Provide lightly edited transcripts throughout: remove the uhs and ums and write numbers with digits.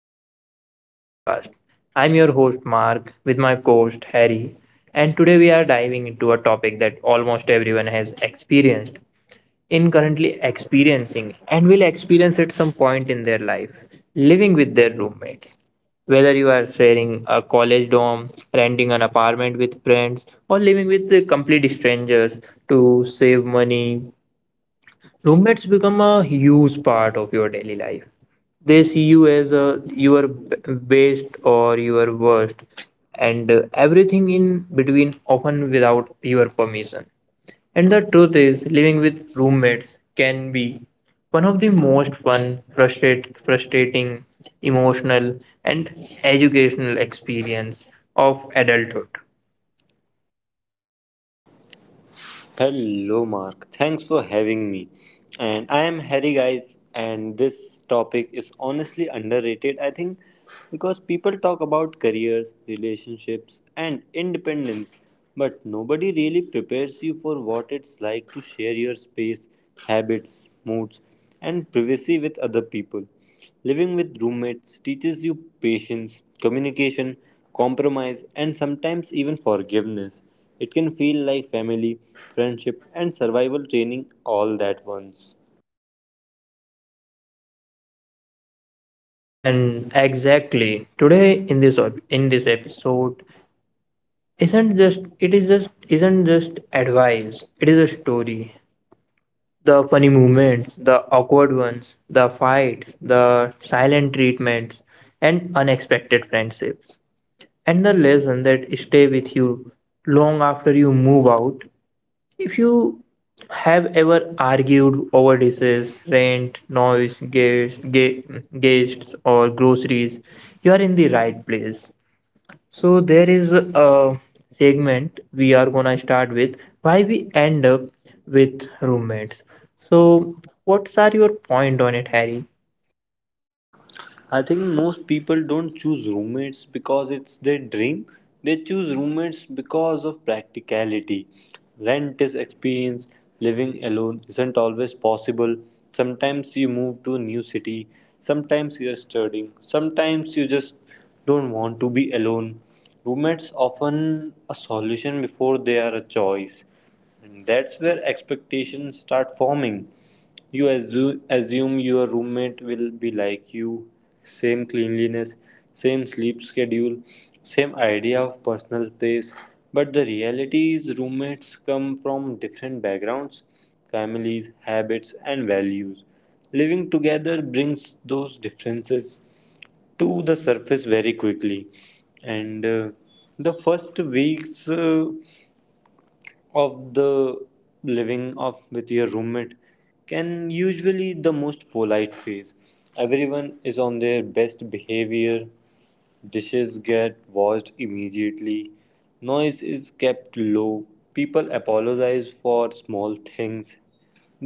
Welcome back to the podcast. I'm your host, Mark, with my co host, Harry, and today we are diving into a topic that almost everyone has experienced, in currently experiencing, and will experience at some point in their life living with their roommates. Whether you are sharing a college dorm, renting an apartment with friends, or living with the complete strangers to save money, roommates become a huge part of your daily life. They see you as a, your best or your worst, and everything in between, often without your permission. And the truth is, living with roommates can be one of the most fun, frustrating, emotional, and educational experience of adulthood. Hello, Mark. Thanks for having me. And I am Harry, guys. And this topic is honestly underrated, I think, because people talk about careers, relationships, and independence, but nobody really prepares you for what it's like to share your space, habits, moods, and privacy with other people. Living with roommates teaches you patience, communication, compromise, and sometimes even forgiveness. It can feel like family, friendship, and survival training all at once. And exactly today in this episode, isn't just it is just isn't just advice, it is a story, the funny moments, the awkward ones, the fights, the silent treatments, and unexpected friendships, and the lesson that stay with you long after you move out. If you have ever argued over dishes, rent, noise, guests, guests or groceries, you are in the right place. So there is a segment we are gonna start with, why we end up with roommates. So what's are your point on it, Harry? I think most people don't choose roommates because it's their dream. They choose roommates because of practicality. Rent is experience, living alone isn't always possible. Sometimes you move to a new city, sometimes you're studying, sometimes you just don't want to be alone. Roommates often a solution before they are a choice. And that's where expectations start forming. You assume your roommate will be like you, same cleanliness, same sleep schedule, same idea of personal space. But the reality is, roommates come from different backgrounds, families, habits, and values. Living together brings those differences to the surface very quickly, and the first weeks of the living of with your roommate can usually the most polite phase. Everyone is on their best behavior, dishes get washed immediately, noise is kept low, people apologize for small things,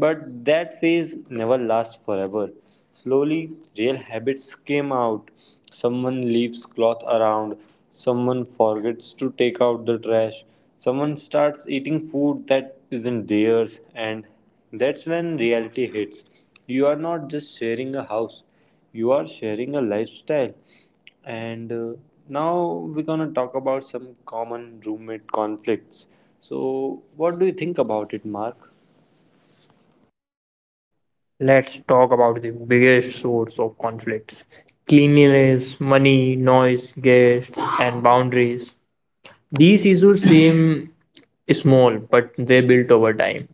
but that phase never lasts forever. Slowly, real habits came out. Someone leaves cloth around, someone forgets to take out the trash, someone starts eating food that isn't theirs, and that's when reality hits. You are not just sharing a house, you are sharing a lifestyle. And Now we're gonna talk about some common roommate conflicts. So, what do you think about it, Mark? Let's talk about the biggest source of conflicts. Cleanliness, money, noise, guests, and boundaries. These issues seem small, but they built over time.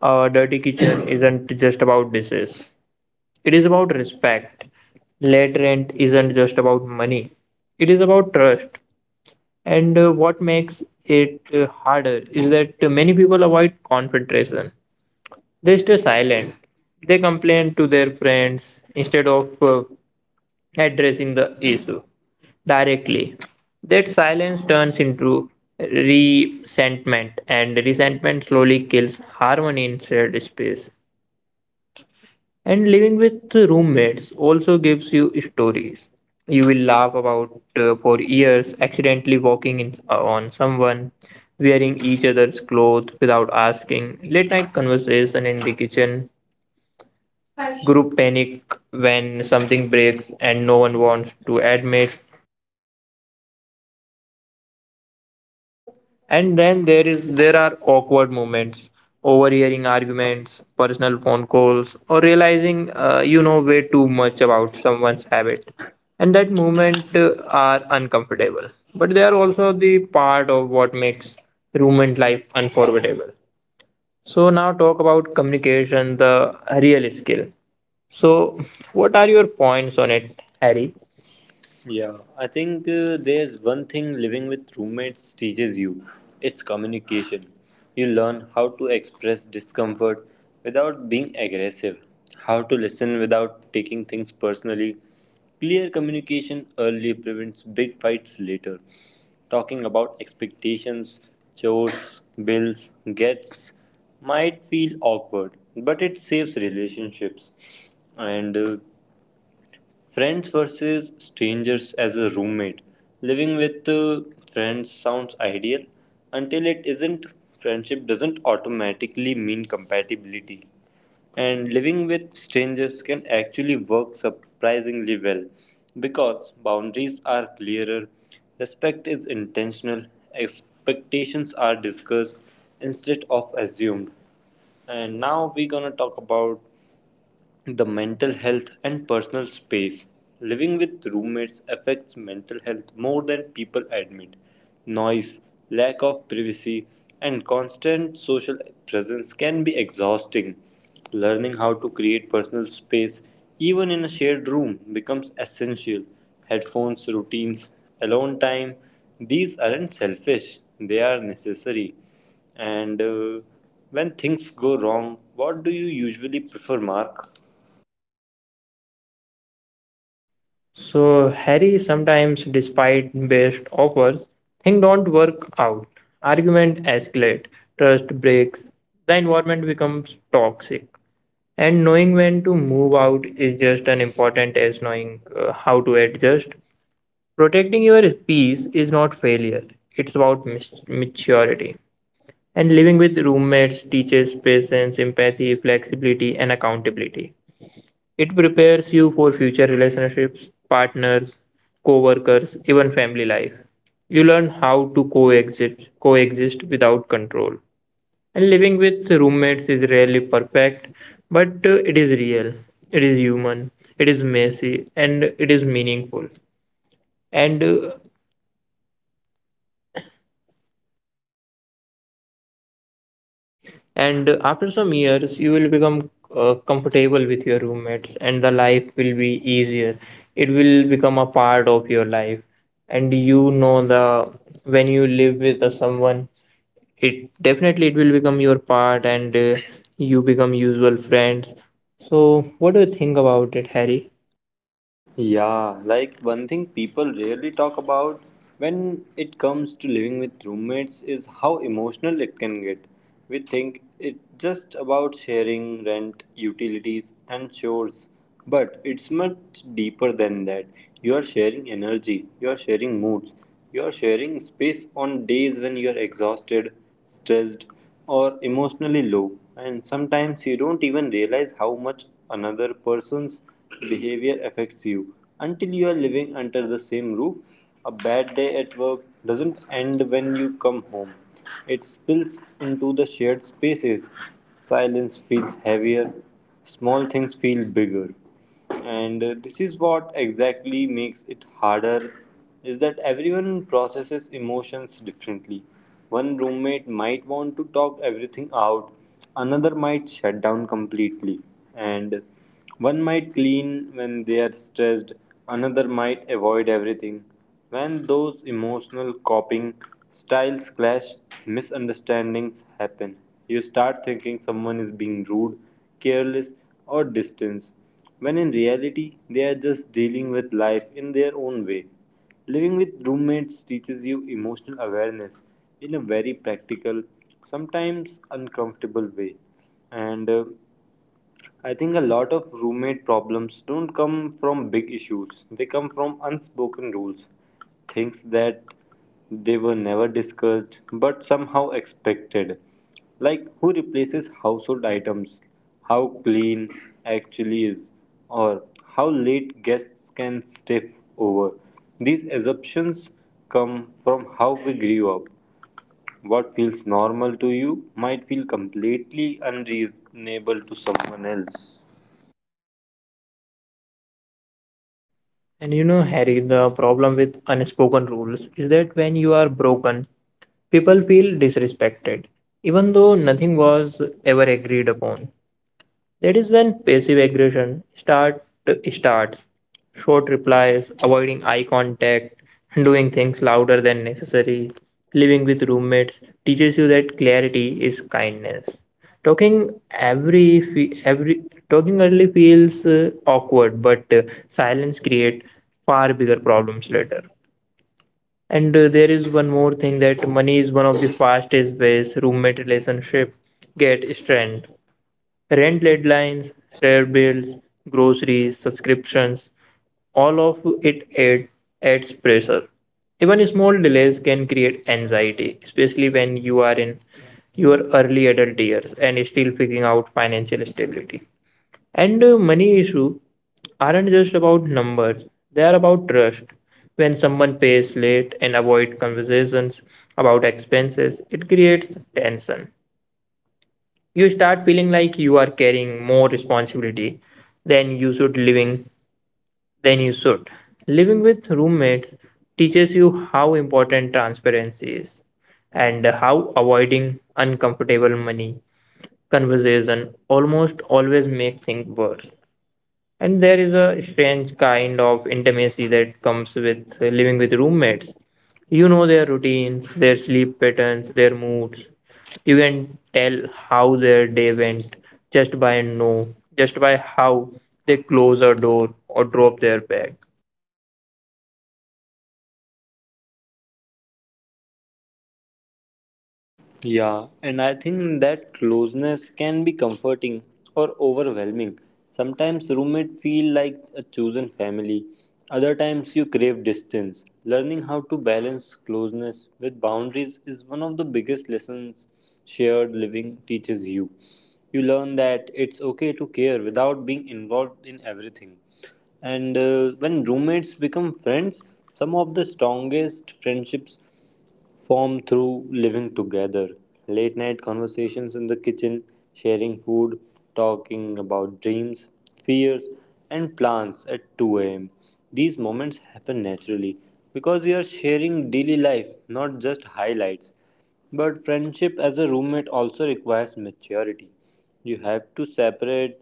A dirty kitchen isn't just about dishes. It is about respect. Lead rent isn't just about money, it is about trust. And what makes it harder is that many people avoid confrontation. They stay silent. They complain to their friends instead of addressing the issue directly. That silence turns into resentment, and resentment slowly kills harmony in shared space. And living with roommates also gives you stories. You will laugh about for years, accidentally walking in, on someone, wearing each other's clothes without asking, late night conversation in the kitchen, group panic when something breaks and no one wants to admit. And then there are awkward moments, overhearing arguments, personal phone calls, or realizing way too much about someone's habit. And that moment are uncomfortable, but they are also the part of what makes roommate life unforgettable. So now talk about communication, the real skill. So what are your points on it, Harry? Yeah, I think there's one thing living with roommates teaches you, it's communication. You learn how to express discomfort without being aggressive, how to listen without taking things personally. Clear communication early prevents big fights later. Talking about expectations, chores, bills, gets might feel awkward, but it saves relationships. And Friends versus strangers as a roommate. Living with friends sounds ideal until it isn't. Friendship doesn't automatically mean compatibility. And living with strangers can actually work surprisingly well because boundaries are clearer, respect is intentional, expectations are discussed instead of assumed. And now we're gonna talk about the mental health and personal space. Living with roommates affects mental health more than people admit. Noise, lack of privacy, and constant social presence can be exhausting. Learning how to create personal space, even in a shared room, becomes essential. Headphones, routines, alone time, these aren't selfish, they are necessary. And When things go wrong, what do you usually prefer, Mark? So Harry, sometimes, despite best offers, things don't work out. Argument escalate, trust breaks, the environment becomes toxic. And knowing when to move out is just as important as knowing how to adjust. Protecting your peace is not failure, it's about maturity. And living with roommates teaches patience, empathy, flexibility, and accountability. It prepares you for future relationships, partners, co-workers, even family life. You learn how to coexist without control. And living with roommates is rarely perfect, but it is real. It is human. It is messy and it is meaningful. And uh, and after some years, you will become comfortable with your roommates and the life will be easier. It will become a part of your life. And you know, the when you live with someone, it definitely it will become your part, and you become usual friends. So what do you think about it, Harry? Yeah, like one thing people rarely talk about when it comes to living with roommates is how emotional it can get. We think it's just about sharing rent, utilities, and chores, but it's much deeper than that. You are sharing energy, you are sharing moods, you are sharing space on days when you are exhausted, stressed, or emotionally low, and sometimes you don't even realize how much another person's behavior affects you until you are living under the same roof. A bad day at work doesn't end when you come home, it spills into the shared spaces. Silence feels heavier, small things feel bigger, and this is what exactly makes it harder is that everyone processes emotions differently. One roommate might want to talk everything out, another might shut down completely, and one might clean when they are stressed, another might avoid everything. When those emotional coping styles clash, misunderstandings happen. You start thinking someone is being rude, careless, or distant when in reality they are just dealing with life in their own way. Living with roommates teaches you emotional awareness in a very practical, sometimes uncomfortable way. And I think a lot of roommate problems don't come from big issues, they come from unspoken rules, things that they were never discussed but somehow expected. Like who replaces household items, how clean actually is, or how late guests can stay over. These assumptions come from how we grew up. What feels normal to you might feel completely unreasonable to someone else. And you know, Harry, the problem with unspoken rules is that when you are broken, people feel disrespected, even though nothing was ever agreed upon. That is when passive aggression starts. Short replies, avoiding eye contact, doing things louder than necessary, living with roommates teaches you that clarity is kindness. Talking every fe- every Talking early feels awkward, but silence create far bigger problems later. And there is one more thing, that money is one of the fastest ways roommate relationship get strained. Rent deadlines, share bills, groceries, subscriptions, all of it adds pressure. Even small delays can create anxiety, especially when you are in your early adult years and still figuring out financial stability. And money issues aren't just about numbers, they are about trust. When someone pays late and avoid conversations about expenses, it creates tension. You start feeling like you are carrying more responsibility than you should living than you should. Living with roommates teaches you how important transparency is and how avoiding uncomfortable money conversation almost always make things worse. And there is a strange kind of intimacy that comes with living with roommates. You know their routines, their sleep patterns, their moods. You can tell how their day went just by a no, just by how they close a door or drop their bag. Yeah, and I think that closeness can be comforting or overwhelming. Sometimes roommates feel like a chosen family, other times you crave distance. Learning how to balance closeness with boundaries is one of the biggest lessons shared living teaches you. You learn that it's okay to care without being involved in everything. And When roommates become friends, some of the strongest friendships form through living together. Late night conversations in the kitchen, sharing food, talking about dreams, fears, and plans at 2 am. These moments happen naturally because you are sharing daily life, not just highlights. But friendship as a roommate also requires maturity. You have to separate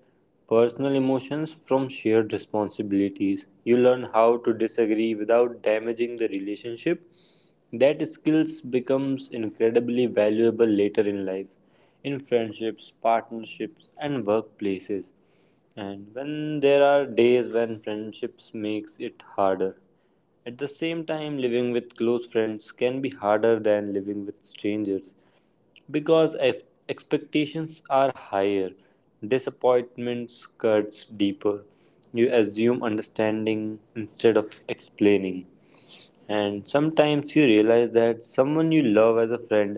personal emotions from shared responsibilities. You learn how to disagree without damaging the relationship. That skills becomes incredibly valuable later in life, in friendships, partnerships, and workplaces. And when there are days when friendships makes it harder. At the same time, living with close friends can be harder than living with strangers because expectations are higher, disappointments cuts deeper. You assume understanding instead of explaining, and sometimes you realize that someone you love as a friend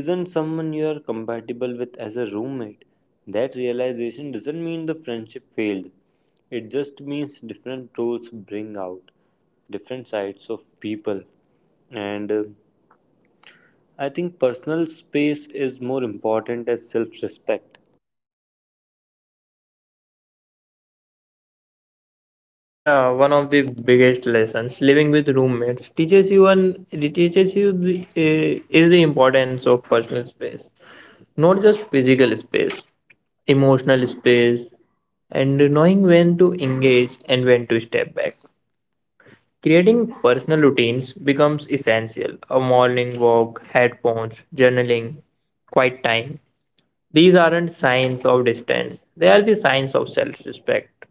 isn't someone you are compatible with as a roommate. That realization doesn't mean the friendship failed, it just means different roles bring out different sides of people. And I think personal space is more important as self respect. Yeah, one of the biggest lessons living with roommates teaches you, and it teaches you is the importance of personal space, not just physical space, emotional space, and knowing when to engage and when to step back. Creating personal routines becomes essential. A morning walk, headphones, journaling, quiet time. These aren't signs of distance, they are the signs of self respect.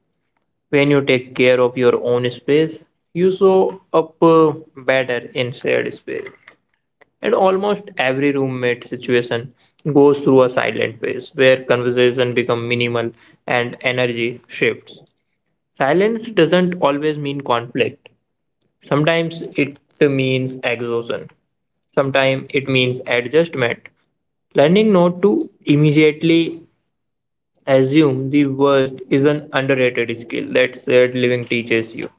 When you take care of your own space, you show up better in shared space. And almost every roommate situation goes through a silent phase where conversation become minimal and energy shifts. Silence doesn't always mean conflict. Sometimes it means exhaustion, sometimes it means adjustment. Learning not to immediately assume the worst is an underrated skill that shared living teaches you.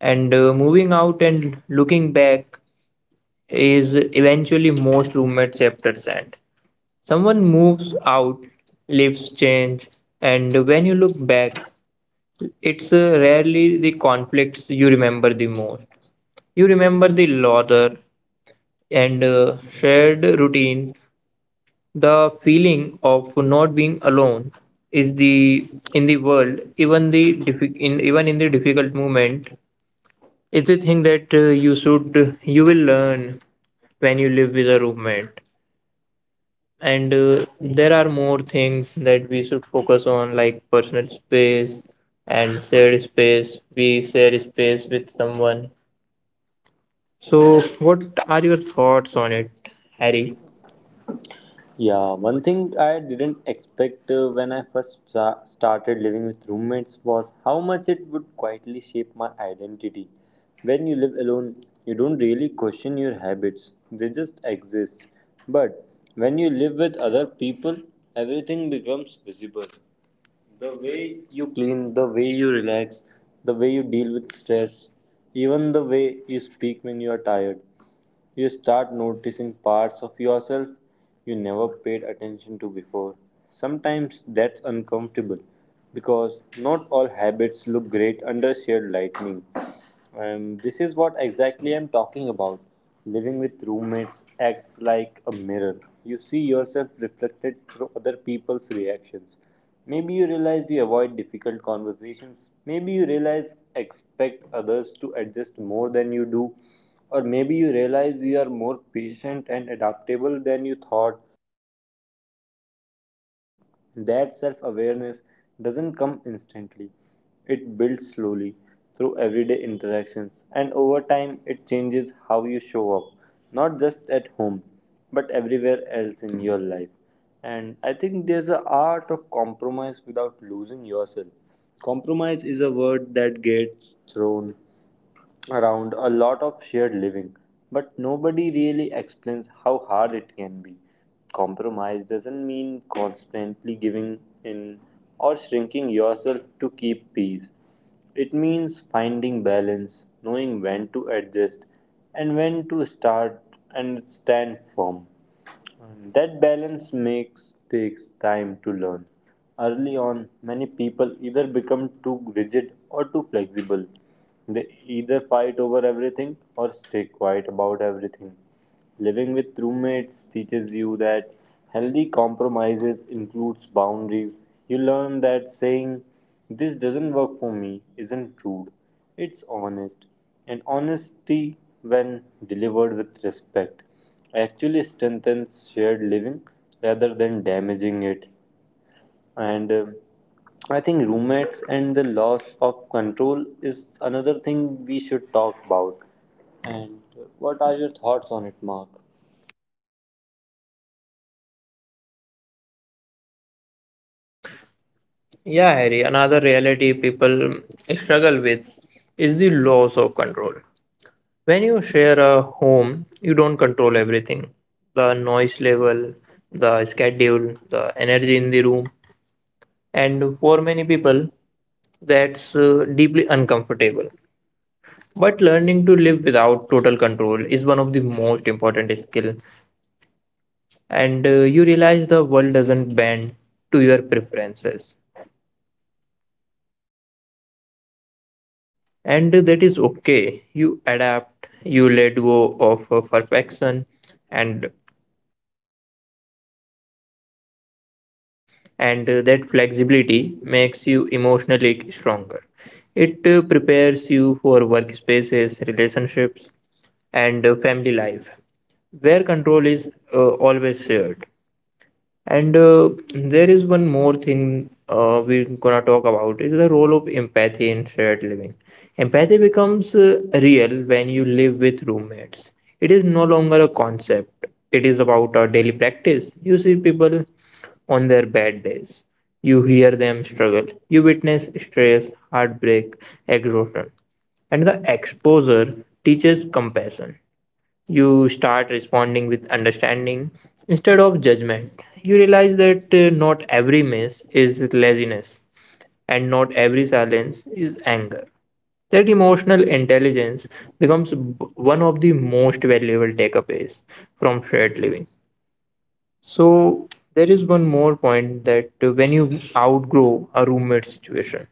And moving out and looking back is, eventually most roommate chapters end. Someone moves out, lives change, and when you look back, it's rarely the conflicts you remember the most. You remember the laughter and shared routines. The feeling of not being alone is the in the world, even the diffi- in even in the difficult moment, is the thing that you will learn when you live with a roommate. And there are more things that we should focus on, like personal space and shared space. We share space with someone. So, what are your thoughts on it, Harry? Harry. Yeah, one thing I didn't expect when I first started living with roommates was how much it would quietly shape my identity. When you live alone, you don't really question your habits, they just exist. But when you live with other people, everything becomes visible, the way you clean, the way you relax, the way you deal with stress, even the way you speak when you are tired. You start noticing parts of yourself you never paid attention to before. Sometimes that's uncomfortable because not all habits look great under shared lightning. And this is what exactly I'm talking about. Living with roommates acts like a mirror. You see yourself reflected through other people's reactions. Maybe you realize you avoid difficult conversations. Maybe you realize expect others to adjust more than you do. Or maybe you realize you are more patient and adaptable than you thought. That self awareness doesn't come instantly, it builds slowly through everyday interactions, and over time, it changes how you show up, not just at home, but everywhere else in your life. And I think there's an art of compromise without losing yourself. Compromise is a word that gets thrown around a lot of shared living, but nobody really explains how hard it can be. Compromise doesn't mean constantly giving in or shrinking yourself to keep peace. It means finding balance, knowing when to adjust and when to start and stand firm. And that balance makes takes time to learn. Early on, many people either become too rigid or too flexible. They either fight over everything or stay quiet about everything. Living with roommates teaches you that healthy compromises includes boundaries. You learn that saying this doesn't work for me isn't rude. It's honest. And honesty when delivered with respect actually strengthens shared living rather than damaging it. And I think roommates and the loss of control is another thing we should talk about, and what are your thoughts on it, Mark? Yeah, Harry, another reality people struggle with is the loss of control. When you share a home, you don't control everything, the noise level, the schedule, the energy in the room. And for many people, that's deeply uncomfortable. But learning to live without total control is one of the most important skill. And you realize the world doesn't bend to your preferences, and that is okay. You adapt, you let go of perfection. and and that flexibility makes you emotionally stronger. It prepares you for workspaces, relationships, and family life, where control is always shared. And there is one more thing we're gonna talk about, is the role of empathy in shared living. Empathy becomes real when you live with roommates. It is no longer a concept. It is about a daily practice. You see people on their bad days. You hear them struggle. You witness stress, heartbreak, exhaustion. And the exposure teaches compassion. You start responding with understanding instead of judgment. You realize that not every miss is laziness and not every silence is anger. That emotional intelligence becomes one of the most valuable takeaways from shared living. So, there is one more point, that when you outgrow a roommate situation.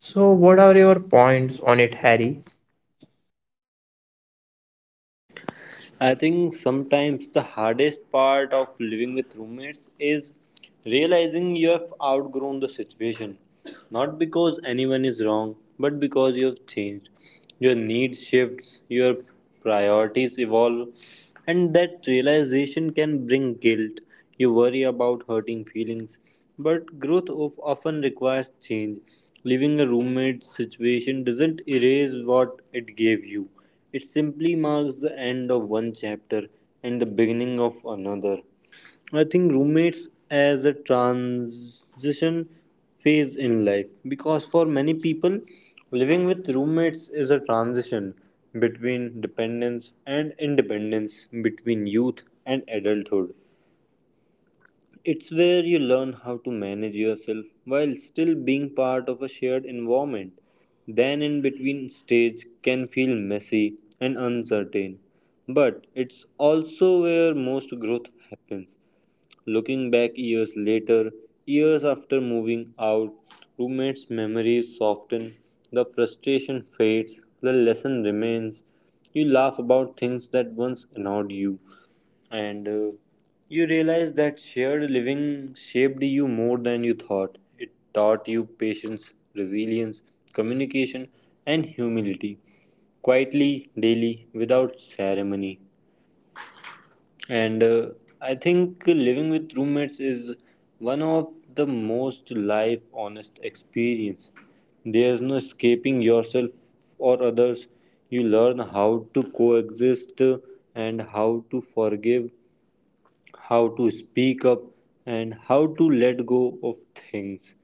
So, what are your points on it, Harry? I think sometimes the hardest part of living with roommates is realizing you have outgrown the situation. Not because anyone is wrong, but because you have changed. Your needs shifts, your priorities evolve, and that realization can bring guilt. You worry about hurting feelings, but growth of often requires change. Leaving a roommate situation doesn't erase what it gave you, it simply marks the end of one chapter and the beginning of another. I think roommates as a transition phase in life because for many people, living with roommates is a transition between dependence and independence, between youth and adulthood. It's where you learn how to manage yourself while still being part of a shared environment. Then, in between stage can feel messy and uncertain, but it's also where most growth happens. Looking back years later, years after moving out, roommates' memories soften, the frustration fades, the lesson remains. You laugh about things that once annoyed you, and you realize that shared living shaped you more than you thought. It taught you patience, resilience, communication, and humility quietly, daily, without ceremony. And I think living with roommates is one of the most life honest experience. There's no escaping yourself or others. You learn how to coexist and how to forgive, how to speak up and how to let go of things,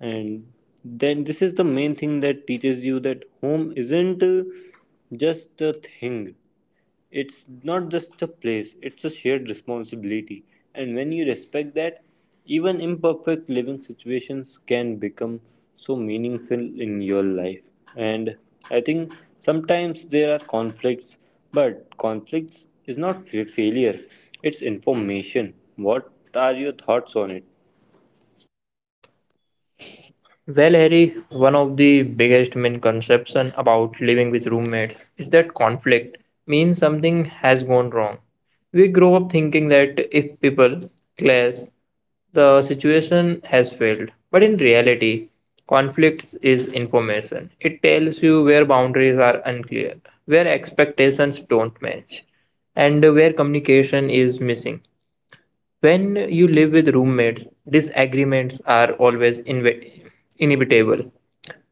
and then this is the main thing that teaches you that home isn't just a thing. It's not just a place, it's a shared responsibility. And when you respect that, even imperfect living situations can become so meaningful in your life. And I think sometimes there are conflicts, but conflicts is not failure, it's information. What are your thoughts on it? Well, Harry, one of the biggest misconceptions about living with roommates is that conflict means something has gone wrong. We grow up thinking that if people clash, the situation has failed. But in reality, conflicts is information. It tells you where boundaries are unclear, where expectations don't match, and where communication is missing. When you live with roommates, disagreements are always inevitable.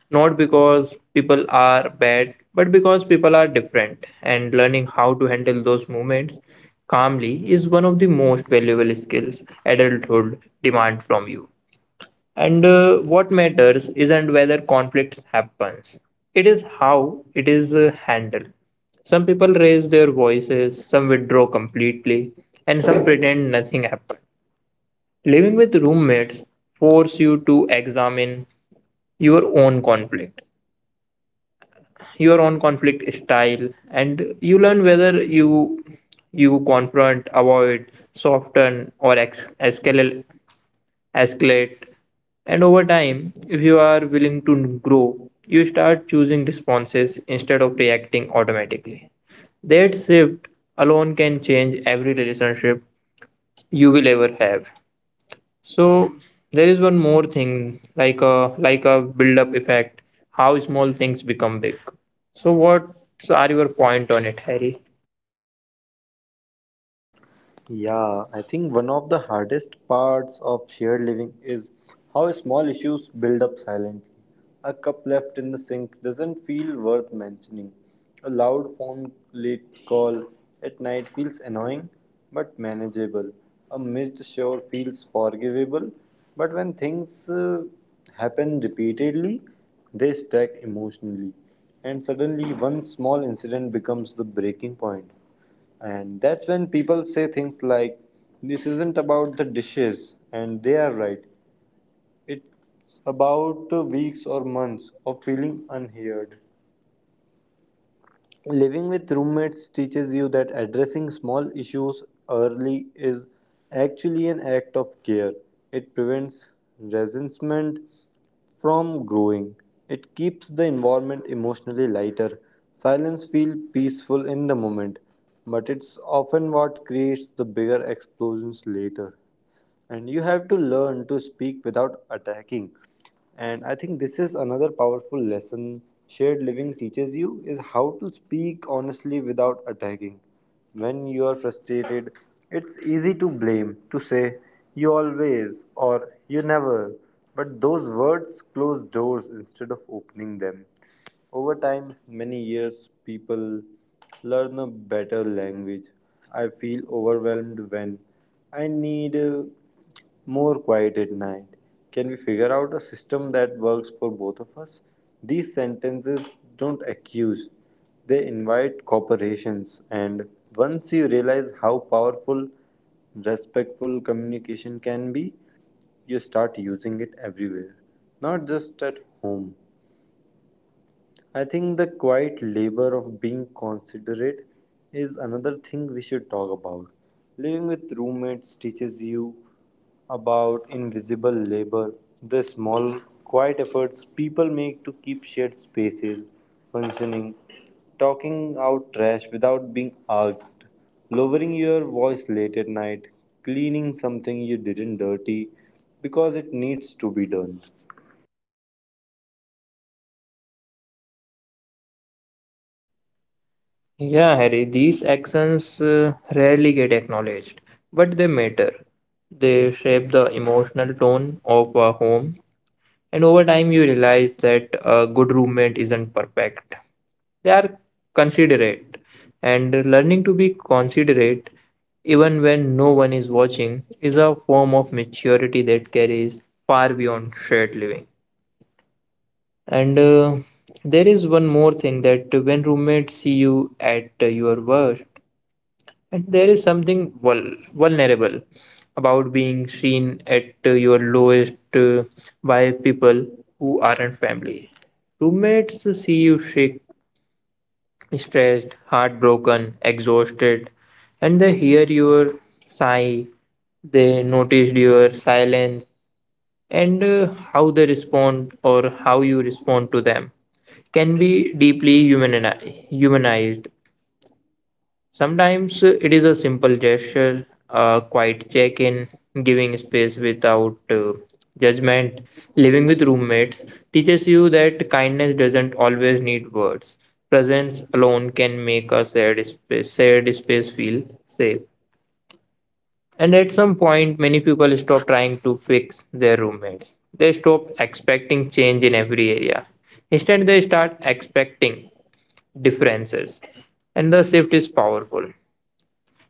Not because people are bad, but because people are different. And learning how to handle those moments calmly is one of the most valuable skills adulthood demands from you. And what matters isn't whether conflicts happens. It is how it is handled. Some people raise their voices, some withdraw completely, and some pretend nothing happened. Living with roommates force you to examine your own conflict, your own conflict style, and you learn whether you confront, avoid, soften, or escalate. And over time, if you are willing to grow, you start choosing responses instead of reacting automatically. That shift alone can change every relationship you will ever have. So there is one more thing, like a build-up effect, how small things become big. So what are your point on it, Harry? Yeah, I think one of the hardest parts of shared living is how small issues build up silently. A cup left in the sink doesn't feel worth mentioning. A loud phone late call at night feels annoying but manageable. A missed shower feels forgivable, but when things happen repeatedly, they stack emotionally. And suddenly, one small incident becomes the breaking point. And that's when people say things like, this isn't about the dishes, and they are right. It's about the weeks or months of feeling unheard. Living with roommates teaches you that addressing small issues early is actually an act of care. It prevents resentment from growing. It keeps the environment emotionally lighter. Silence feels peaceful in the moment, but it's often what creates the bigger explosions later, and you have to learn to speak without attacking. And I think this is another powerful lesson shared living teaches you is how to speak honestly without attacking. When you are frustrated, it's easy to blame, to say you always or you never, but those words close doors instead of opening them. Over time, many years, people learn a better language. I feel overwhelmed when I need more quiet at night. Can we figure out a system that works for both of us? These sentences don't accuse, they invite corporations. And once you realize how powerful respectful communication can be, you start using it everywhere, not just at home. I think the quiet labor of being considerate is another thing we should talk about. Living with roommates teaches you about invisible labor, the small, quiet efforts people make to keep shared spaces functioning, talking out trash without being asked, lowering your voice late at night, cleaning something you didn't dirty because it needs to be done. Yeah, Harry, these actions rarely get acknowledged, but they matter. They shape the emotional tone of a home, and over time you realize that a good roommate isn't perfect. They are considerate. And learning to be considerate even when no one is watching is a form of maturity that carries far beyond shared living. And there is one more thing, that when roommates see you at your worst. And there is something vulnerable about being seen at your lowest by people who aren't family. Roommates see you shake, stressed, heartbroken, exhausted, and they hear your sigh, they notice your silence, and how they respond or how you respond to them can be deeply humanized. Sometimes it is a simple gesture, a quiet check in, giving space without judgment. Living with roommates teaches you that kindness doesn't always need words. Presence alone can make shared space feel safe. And at some point, many people stop trying to fix their roommates. They stop expecting change in every area. Instead, they start expecting differences. And the shift is powerful.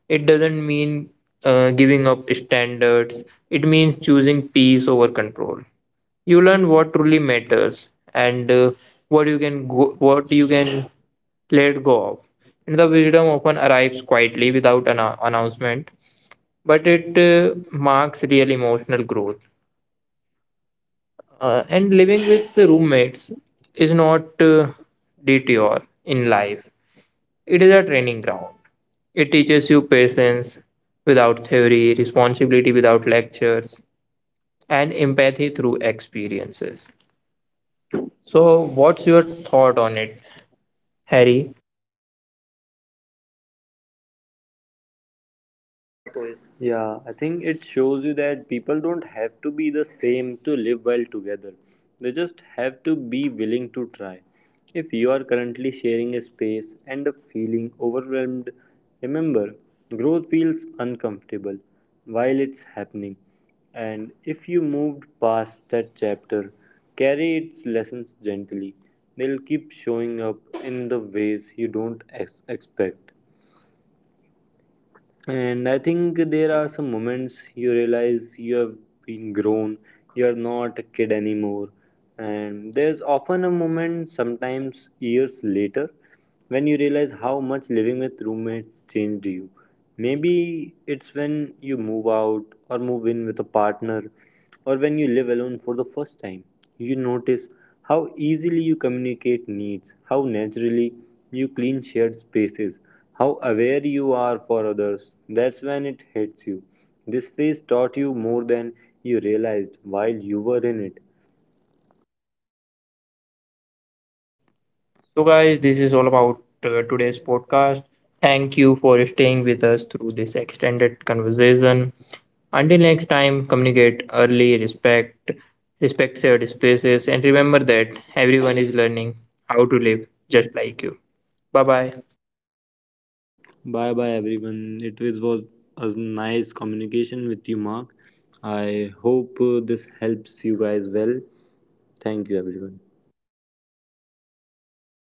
It doesn't mean giving up standards, it means choosing peace over control. You learn what truly matters and what you can let go of. And the wisdom often arrives quietly without an announcement, but it marks real emotional growth. And living with the roommates is not detour in life. It is a training ground. It teaches you patience without theory, responsibility without lectures, and empathy through experiences. So, what's your thought on it, Harry? Point. Yeah, I think it shows you that people don't have to be the same to live well together. They just have to be willing to try. If you are currently sharing a space and are feeling overwhelmed, remember growth feels uncomfortable while it's happening. And if you moved past that chapter, carry its lessons gently. They'll keep showing up in the ways you don't expect. And I think there are some moments you realize you have been grown, you are not a kid anymore. And there's often a moment, sometimes years later, when you realize how much living with roommates changed you. Maybe it's when you move out or move in with a partner or when you live alone for the first time, you notice how easily you communicate needs, how naturally you clean shared spaces, how aware you are for others. That's when it hits you. This phase taught you more than you realized while you were in it. So, guys, this is all about today's podcast. Thank you for staying with us through this extended conversation. Until next time, communicate early, respect shared spaces, and remember that everyone is learning how to live just like you. Bye bye. Bye bye, everyone. It was a nice communication with you, Mark. I hope this helps you guys well. Thank you, everyone.